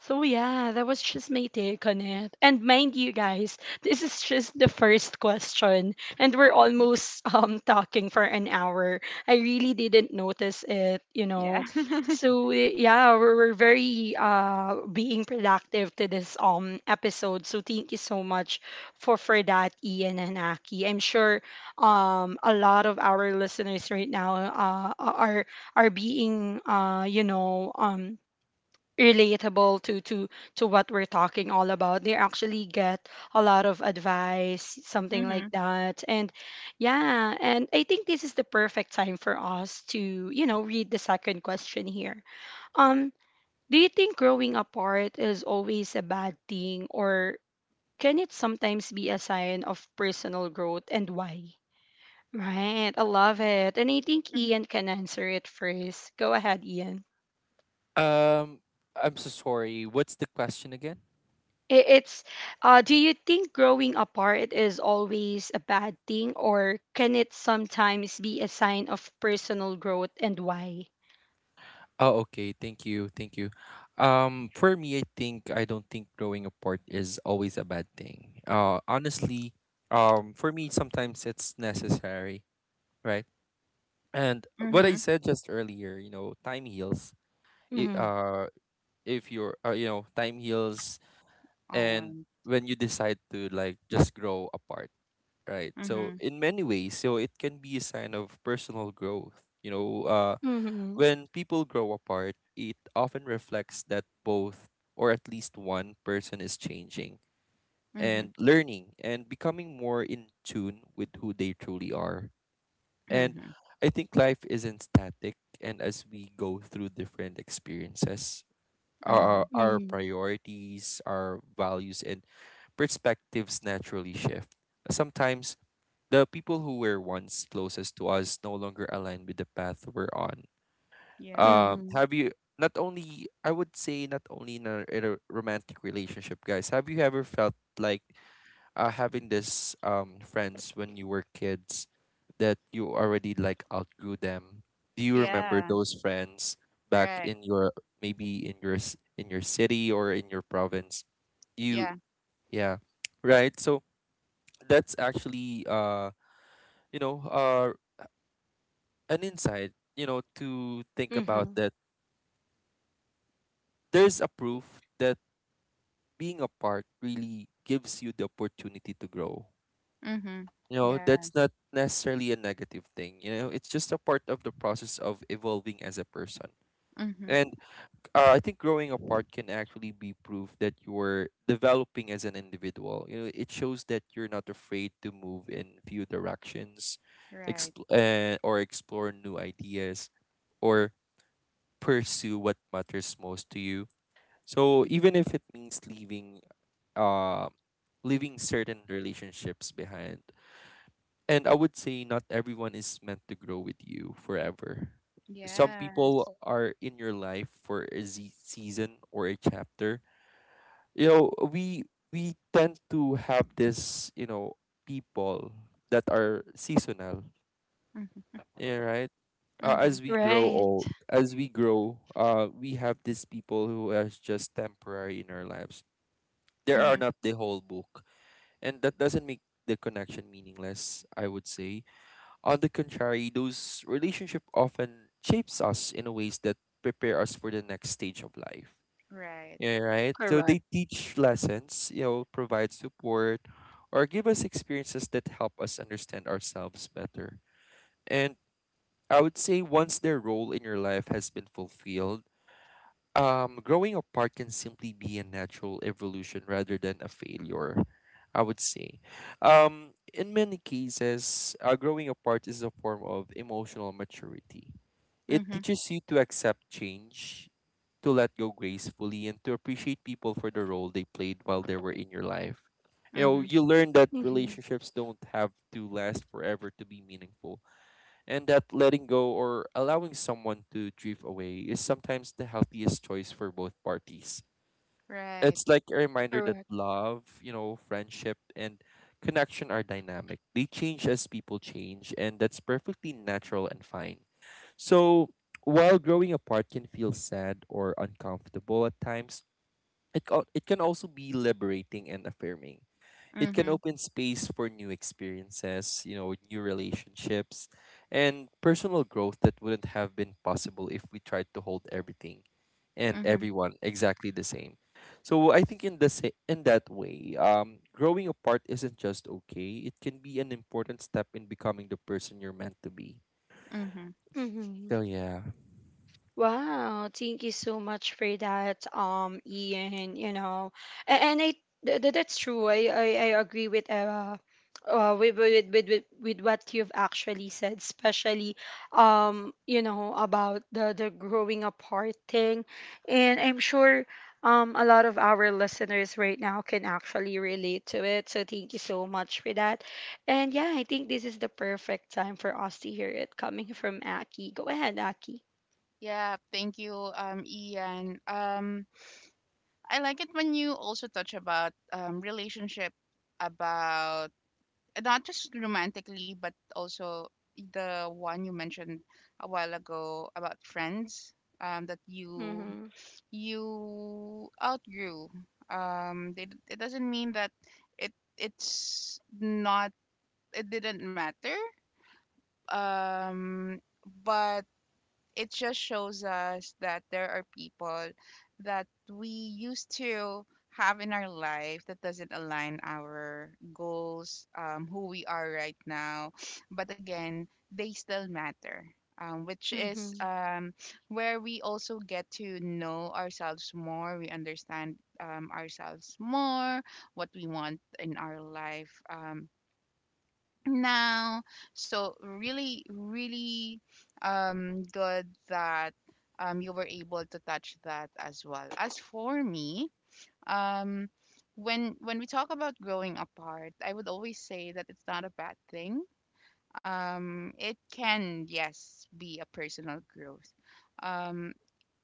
So yeah, that was just my take on it. And mind you guys, this is just the first question and we're
Oh,
almost um talking for an hour. I really didn't notice it, you
yeah.
know. So eh, yeah, we're, we're very uh being productive to this um episode. So thank you so much for for that, Ian and Aki. I'm sure um a lot of our listeners right now uh are are being, uh you know, um relatable to to to what we're talking all about. They actually get a lot of advice, something like
Mhm.
that. And yeah, and I think this is the perfect time for us to, you know, read the second question here. um do you think growing apart is always a bad thing, or can it sometimes be a sign of personal growth and why? Right, I love it, and I think
Mhm.
Ian can answer it first. Go ahead, Ian.
Um, I'm so sorry, what's the question again?
I- It's uh do you think growing apart is always a bad thing, or can it sometimes be a sign of personal growth and why?
Oh, okay. Thank you. Thank you. Um, for me, I think I don't think growing apart is always a bad thing. Uh, honestly, um, for me, sometimes it's necessary, right? And what I
Mhm.
said just earlier, you know, time heals. I
Mhm.
uh, If you're, uh, you know, time heals, and
Owen.
when you decide to like just grow apart, right? So
Mhm.
in many ways, so it can be a sign of personal growth. You know, uh,
Mhm.
when people grow apart, it often reflects that both, or at least one, person is changing and
Mhm.
learning and becoming more in tune with who they truly are. And
Mhm.
I think life isn't static, and as we go through different experiences, our,
Mhm.
our
Mhm.
priorities, our values, and perspectives naturally shift. Sometimes the people who were once closest to us no longer align with the path we're on.
Yeah.
Um,
Mhm.
have you, not only, I would say not only in a, in a romantic relationship, guys. Have you ever felt like uh, having this um friends when you were kids that you already like outgrew them? Do you remember
Yeah.
those friends back
Right.
in your, maybe in your s- in your city or in your province? You,
Yeah.
yeah, right. So that's actually uh you know uh an insight, you know, to think about,
Mhm.
that there's a proof that being a part really gives you the opportunity to grow.
Mhm.
You know,
Yeah.
that's not necessarily a negative thing. You know, it's just a part of the process of evolving as a person. And
Mhm.
uh, I think growing apart can actually be proof that you're developing as an individual. You know, it shows that you're not afraid to move in few directions,
Right.
expl- uh, or explore new ideas, or pursue what matters most to you. So even if it means leaving, uh, leaving certain relationships behind. And I would say not everyone is meant to grow with you forever. Some
Yes.
people are in your life for a z- season or a chapter. You know, we we tend to have this, you know, people that are seasonal.
Mhm.
Yeah, right. Uh, as
Mhm.
we grow
Right.
old, as we grow, uh, we have these people who are just temporary in our lives. They are
Mhm.
not the whole book. And that doesn't make the connection meaningless, I would say. On the contrary, those relationship often shapes us in a ways that prepare us for the next stage of life.
Right.
Yeah, right. So they
Correct.
teach lessons, you know, provide support, or give us experiences that help us understand ourselves better. And I would say once their role in your life has been fulfilled, um, growing apart can simply be a natural evolution rather than a failure, I would say. Um, in many cases, uh, growing apart is a form of emotional maturity. It
Mhm.
teaches you to accept change, to let go gracefully, and to appreciate people for the role they played while they were in your life. You know,
Mhm.
you learn that
Mhm.
relationships don't have to last forever to be meaningful, and that letting go or allowing someone to drift away is sometimes the healthiest choice for both parties.
Right.
It's like a reminder that
Correct.
love, you know, friendship, and connection are dynamic. They change as people change, and that's perfectly natural and fine. So, while growing apart can feel sad or uncomfortable at times, it, al- it can also be liberating and affirming. It can
Mhm.
open space for new experiences, you know, new relationships, and personal growth that wouldn't have been possible if we tried to hold everything and
Mhm.
everyone exactly the same. So I think in the sa- in that way, um, growing apart isn't just okay. It can be an important step in becoming the person you're meant to be.
Mhm.
Mhm.
So yeah.
Wow, thank you so much for that, um, Ian. You know, A- and I th- th- that's true. I I, I agree with uh, uh with, with with with with what you've actually said, especially um you know, about the the growing apart thing, and I'm sure um a lot of our listeners right now can actually relate to it. So thank you so much for that, and yeah, I think this is the perfect time for us to hear it coming from Aki. Go ahead, Aki.
Yeah. Thank you, um, Ian. Um, I like it when you also touch about um relationship, about not just romantically, but also the one you mentioned a while ago about friends, um, that you
Mm-hmm.
you outgrew. Um, they, it doesn't mean that it it's not, it didn't matter. Um, but it just shows us that there are people that we used to have in our life that doesn't align our goals, um, who we are right now. But again, they still matter. Um, which is
Mm-hmm.
um, Where we also get to know ourselves more. We understand um, ourselves more, what we want in our life. Um, now. So really, really um, good that um, you were able to touch that as well. As for me, um, when when we talk about growing apart, I would always say that it's not a bad thing. Um, it can, yes, be a personal growth. Um,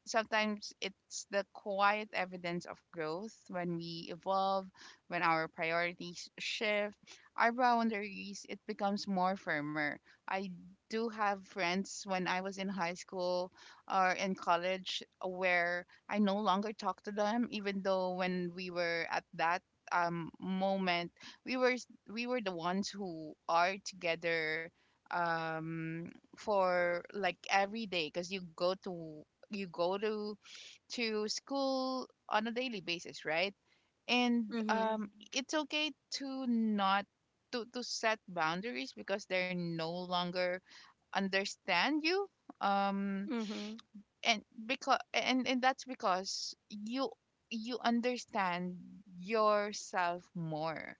sometimes it's the quiet evidence of growth when we evolve, when our priorities shift, our boundaries, it becomes more firmer. I do have friends when I was in high school or in college where I no longer talk to them, even though when we were at that um moment, we were s- we were the ones who are together um for like every day, because you go to you go to to school on a daily basis, right? And
Mm-hmm.
um it's okay to not to to set boundaries because they're no longer understand you, um
Mm-hmm.
and because and and that's because you you understand yourself more.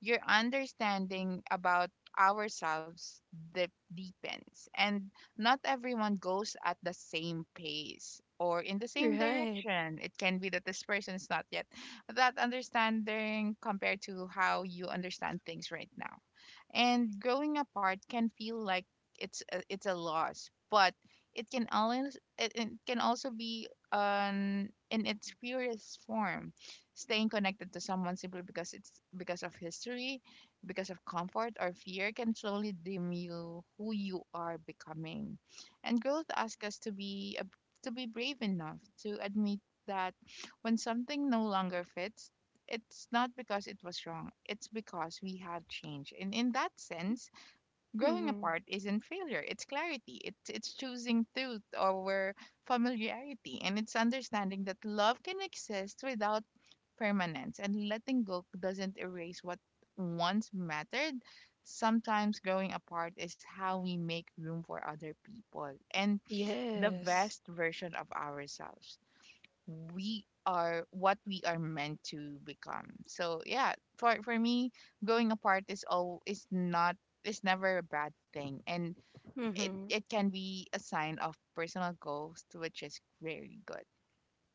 Your understanding about ourselves de- deepens, and not everyone goes at the same pace or in the same
Right.
direction. It can be that this person is not yet that understanding compared to how you understand things right now. And growing apart can feel like it's a, it's a loss, but it can always, it, it can also be um in its purest form. Staying connected to someone simply because it's because of history, because of comfort or fear, can slowly dim you who you are becoming. And growth asks us to be a, to be brave enough to admit that when something no longer fits, it's not because it was wrong. It's because we have changed. And in that sense, growing
Mm-hmm.
apart isn't failure. It's clarity. It's it's choosing truth over familiarity. And it's understanding that love can exist without permanence. And letting go doesn't erase what once mattered. Sometimes growing apart is how we make room for other people and the
Yes.
best version of ourselves, we are what we are meant to become. So yeah, for for me, growing apart is all is not, is never a bad thing, and it
Mm-hmm.
it can be a sign of personal growth, which is very good.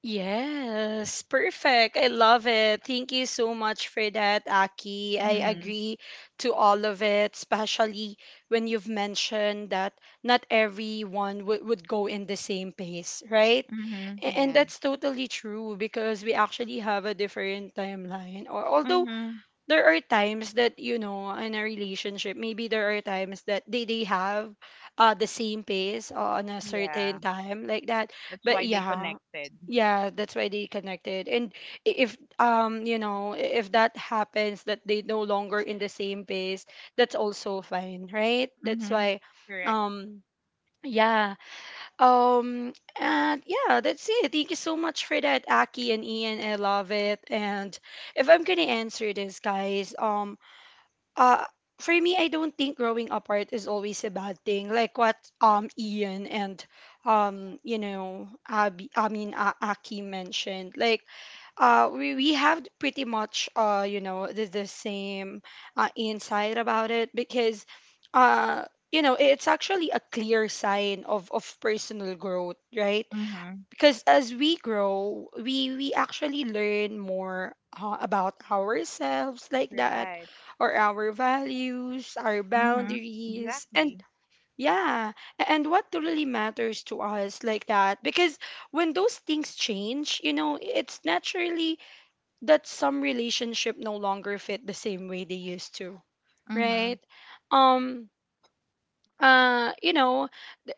Yes, perfect. I love it. Thank you so much for that, Aki. I
Mhm.
agree to all of it, especially when you've mentioned that not everyone would would go in the same pace, right?
Mhm.
A- And
Yeah.
that's totally true, because we actually have a different timeline. Or although
Mhm.
there are times that, you know, in a relationship maybe there are times that they they have uh the same pace, uh, on a
Yeah.
certain time like that,
That's
but
why they
yeah,
connected.
yeah, that's why they connected, and i- if um you know, i- if that happens that they no longer in the same pace, that's also fine, right, that's
Mhm.
why
Correct.
um yeah, um, and yeah, that's it. Thank you so much for that, Aki and Ian. I love it. And if I'm gonna answer this, guys, um, uh, for me, I don't think growing apart is always a bad thing. Like what um Ian and, um, you know, Abby, I mean, uh, Aki mentioned. Like, uh, we, we have pretty much, uh, you know, the, the same uh, insight about it, because uh, you know, it's actually a clear sign of, of personal growth, right?
Mhm.
Because as we grow we we actually learn more uh, about ourselves like that,
Right.
or our values, our
Mhm.
boundaries,
Exactly.
and yeah, a- and what really matters to us like that, because when those things change, you know, it's naturally that some relationship no longer fit the same way they used to, right?
Mhm.
um uh you know,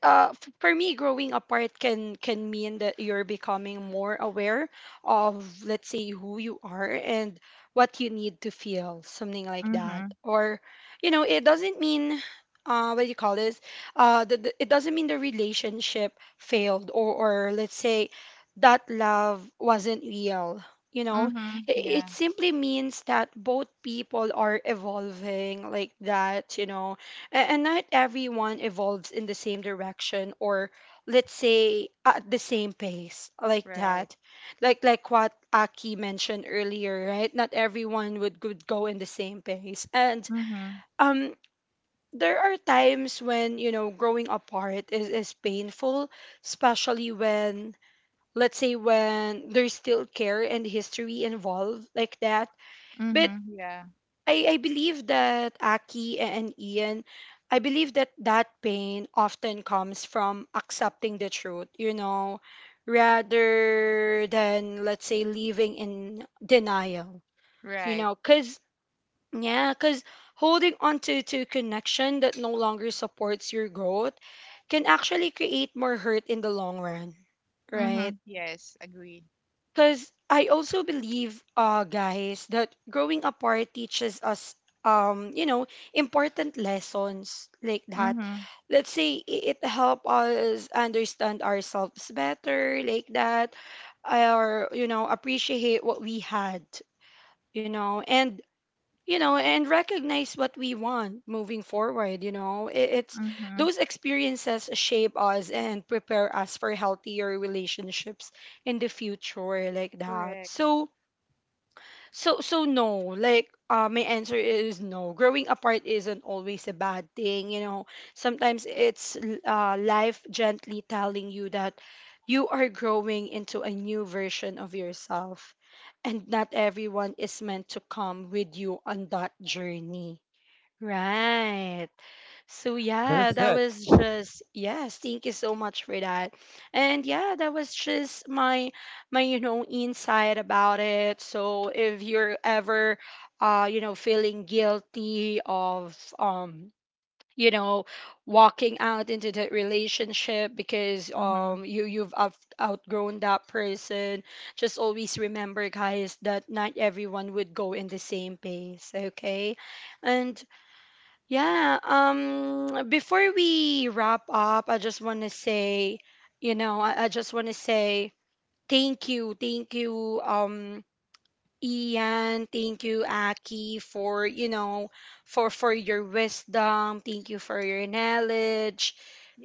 uh, f- for me, growing apart can can mean that you're becoming more aware of, let's say, who you are and what you need to feel, something like that.
Mhm.
Or, you know, it doesn't mean, uh, what do you call this? Uh, the, the- it doesn't mean the relationship failed, or, or let's say that love wasn't real. You know,
Mhm.
it, it
Yeah.
simply means that both people are evolving like that. You know, a- and not everyone evolves in the same direction, or let's say at the same pace like
Right.
that. Like like what Aki mentioned earlier, right? Not everyone would, would go in the same pace. And
Mhm.
um there are times when, you know, growing apart is, is painful, especially when, let's say, when there's still care and history involved like that. But
Mhm. Yeah.
I, I believe that Aki and Ian, I believe that that pain often comes from accepting the truth, you know, rather than, let's say, living in denial, you
Right.
know, because, yeah, because holding on to, to connection that no longer supports your growth can actually create more hurt in the long run, right?
Mm-hmm. Yes, agree.
Because I also believe, uh, guys, that growing apart teaches us, um, you know, important lessons like that.
Mm-hmm.
Let's say i- it help us understand ourselves better, like that, or you know, appreciate what we had, you know, and you know and recognize what we want moving forward you know I- It's
Mm-hmm.
those experiences shape us and prepare us for healthier relationships in the future like that.
Correct.
So so so no, like uh, my answer is no. Growing apart isn't always a bad thing, you know. Sometimes it's l- uh, life gently telling you that you are growing into a new version of yourself, and not everyone is meant to come with you on that journey. Right. So yeah, that
Perfect.
was just yes, thank you so much for that. And yeah, that was just my my you know insight about it. So if you're ever uh you know feeling guilty of um you know walking out into that relationship because
Mm-hmm.
um you you've out- outgrown that person, just always remember guys that not everyone would go in the same pace, okay? And yeah, um before we wrap up, I just want to say, you know, I, I just want to say thank you, thank you um Ian, thank you Aki for, you know, for for your wisdom, thank you for your knowledge.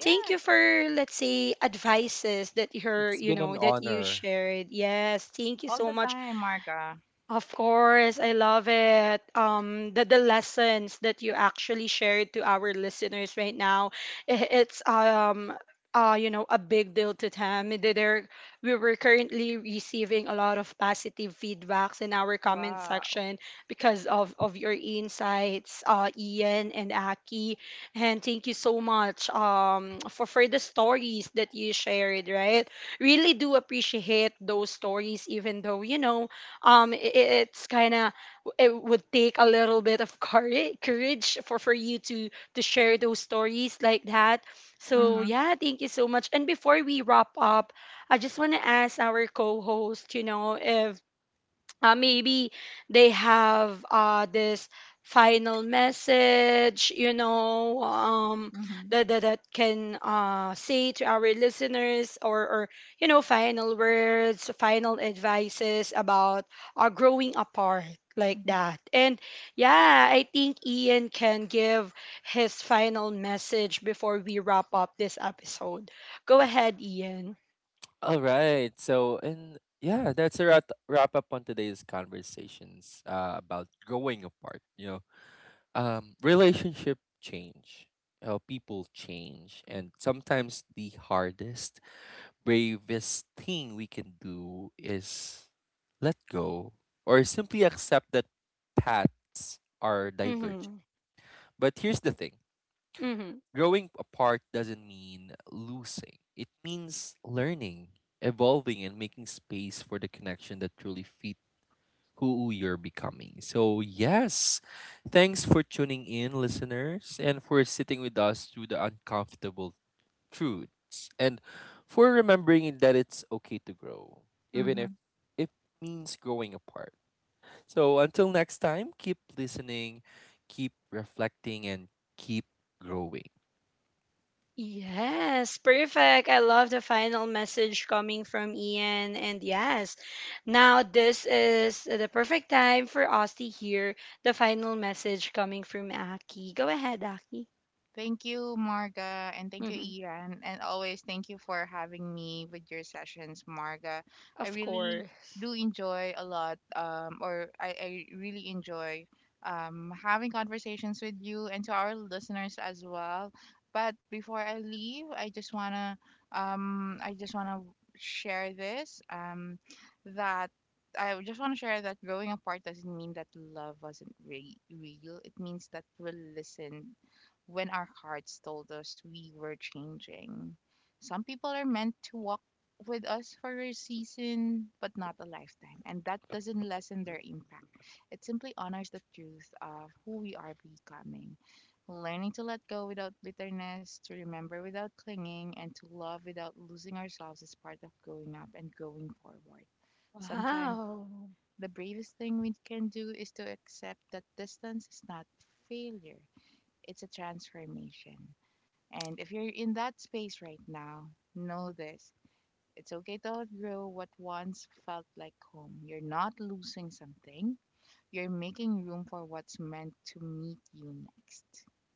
Thank you for, let's say, advices that you heard,
It's
you
been
know,
an
that you
honor.
shared. Yes, thank you
all
so
the
much.
time, Marga.
Of course, I love it. Um, the, the lessons that you actually shared to our listeners right now, i- it's um, uh, you know, a big deal to them. They- They're, we were currently receiving a lot of positive feedbacks in our comment
Wow.
section because of of your insights, uh, Ian and Aki. And thank you so much um for for the stories that you shared. Right, really do appreciate those stories, even though you know um i- it's kind of, it would take a little bit of courage courage for for you to to share those stories like that. So
Mm-hmm.
yeah, thank you so much. And before we wrap up, I just want to ask our co-host, you know, if uh, maybe they have, uh, this final message, you know um
Mm-hmm.
that that, that can, uh, say to our listeners, or or you know, final words, final advices about, uh, growing apart like that. And yeah, I think Ian can give his final message before we wrap up this episode. Go ahead, Ian.
All right. So, and yeah, that's a wrap, wrap up on today's conversations, uh, about growing apart. You know, um, relationship change, how people change, and sometimes the hardest, bravest thing we can do is let go, or simply accept that paths are divergent.
Mm-hmm.
But here's the thing.
Mm-hmm.
Growing apart doesn't mean losing, it means learning, evolving, and making space for the connection that truly fit who you're becoming. So, yes, thanks for tuning in, listeners, and for sitting with us through the uncomfortable truths, and for remembering that it's okay to grow, even
Mm-hmm.
if it means growing apart. So, until next time, keep listening, keep reflecting, and keep growing.
Yes, perfect. I love the final message coming from Ian. And yes, now this is the perfect time for us to hear the final message coming from Aki. Go ahead, Aki.
Thank you, Marga, and thank you, Ian. And always thank you for having me with your sessions, Marga. I
Of
really
course.
do enjoy a lot, um, or I, I really enjoy um, having conversations with you and to our listeners as well. But before I leave, I just wanna, um, I just wanna share this, um, that I just want to share that growing apart doesn't mean that love wasn't re- real. It means that we listen when our hearts told us we were changing. Some people are meant to walk with us for a season, but not a lifetime. And that doesn't lessen their impact. It simply honors the truth of who we are becoming. Learning to let go without bitterness, to remember without clinging, and to love without losing ourselves is part of growing up and going forward. Sometimes
Wow.
the bravest thing we can do is to accept that distance is not failure, it's a transformation. And if you're in that space right now, know this. It's okay to outgrow what once felt like home. You're not losing something. You're making room for what's meant to meet you next.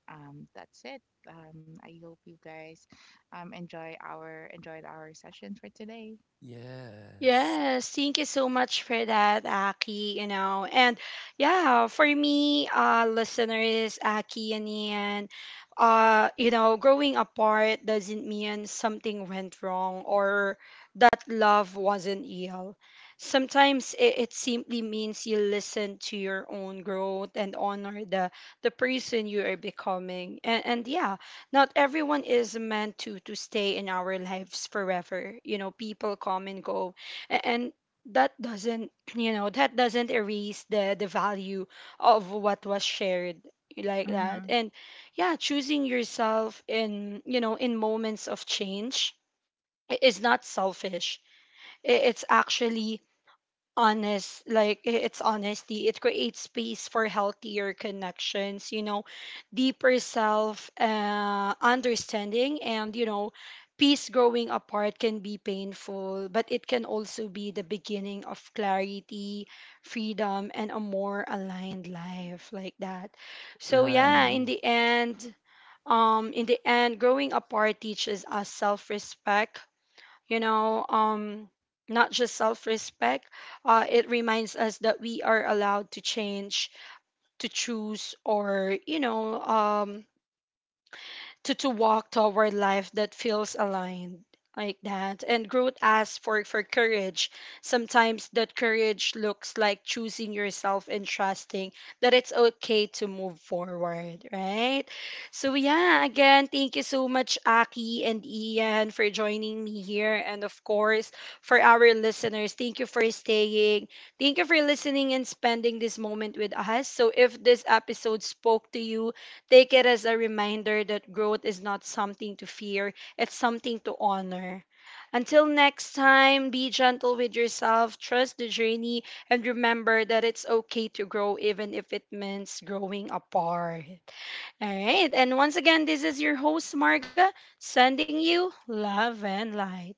Um, that's it. Um, I hope you guys um, enjoy our enjoyed our session for today.
Yes.
Yes, thank you so much for that, Aki. You know, and yeah, for me, uh, listeners, Aki and Ian, uh, you know, growing apart doesn't mean something went wrong or that love wasn't real. Sometimes it, it simply means you listen to your own growth and honor the the person you are becoming. And and yeah, not everyone is meant to to stay in our lives forever. You know, people come and go a- and that doesn't you know that doesn't erase the the value of what was shared like that.
Mm-hmm.
And yeah, choosing yourself in, you know, in moments of change i- is not selfish. I- it's actually honest, like i- it's honesty. It creates space for healthier connections, you know, deeper self uh, understanding, and you know peace. Growing apart can be painful, but it can also be the beginning of clarity, freedom, and a more aligned life like that. So yeah,
Mm-hmm.
in
Right.
the end um in the end growing apart teaches us self-respect, you know, um, not just self respect. Uh, it reminds us that we are allowed to change, to choose, or, you know, um, to to walk toward life that feels aligned like that. And growth asks for for courage. Sometimes that courage looks like choosing yourself and trusting that it's okay to move forward, right? So yeah, again, thank you so much, Aki and Ian, for joining me here. And of course, for our listeners, thank you for staying, thank you for listening and spending this moment with us. So if this episode spoke to you, take it as a reminder that growth is not something to fear, it's something to honor. Until next time, be gentle with yourself, trust the journey, and remember that it's okay to grow even if it means growing apart. All right, and once again, this is your host, Marga, sending you love and light.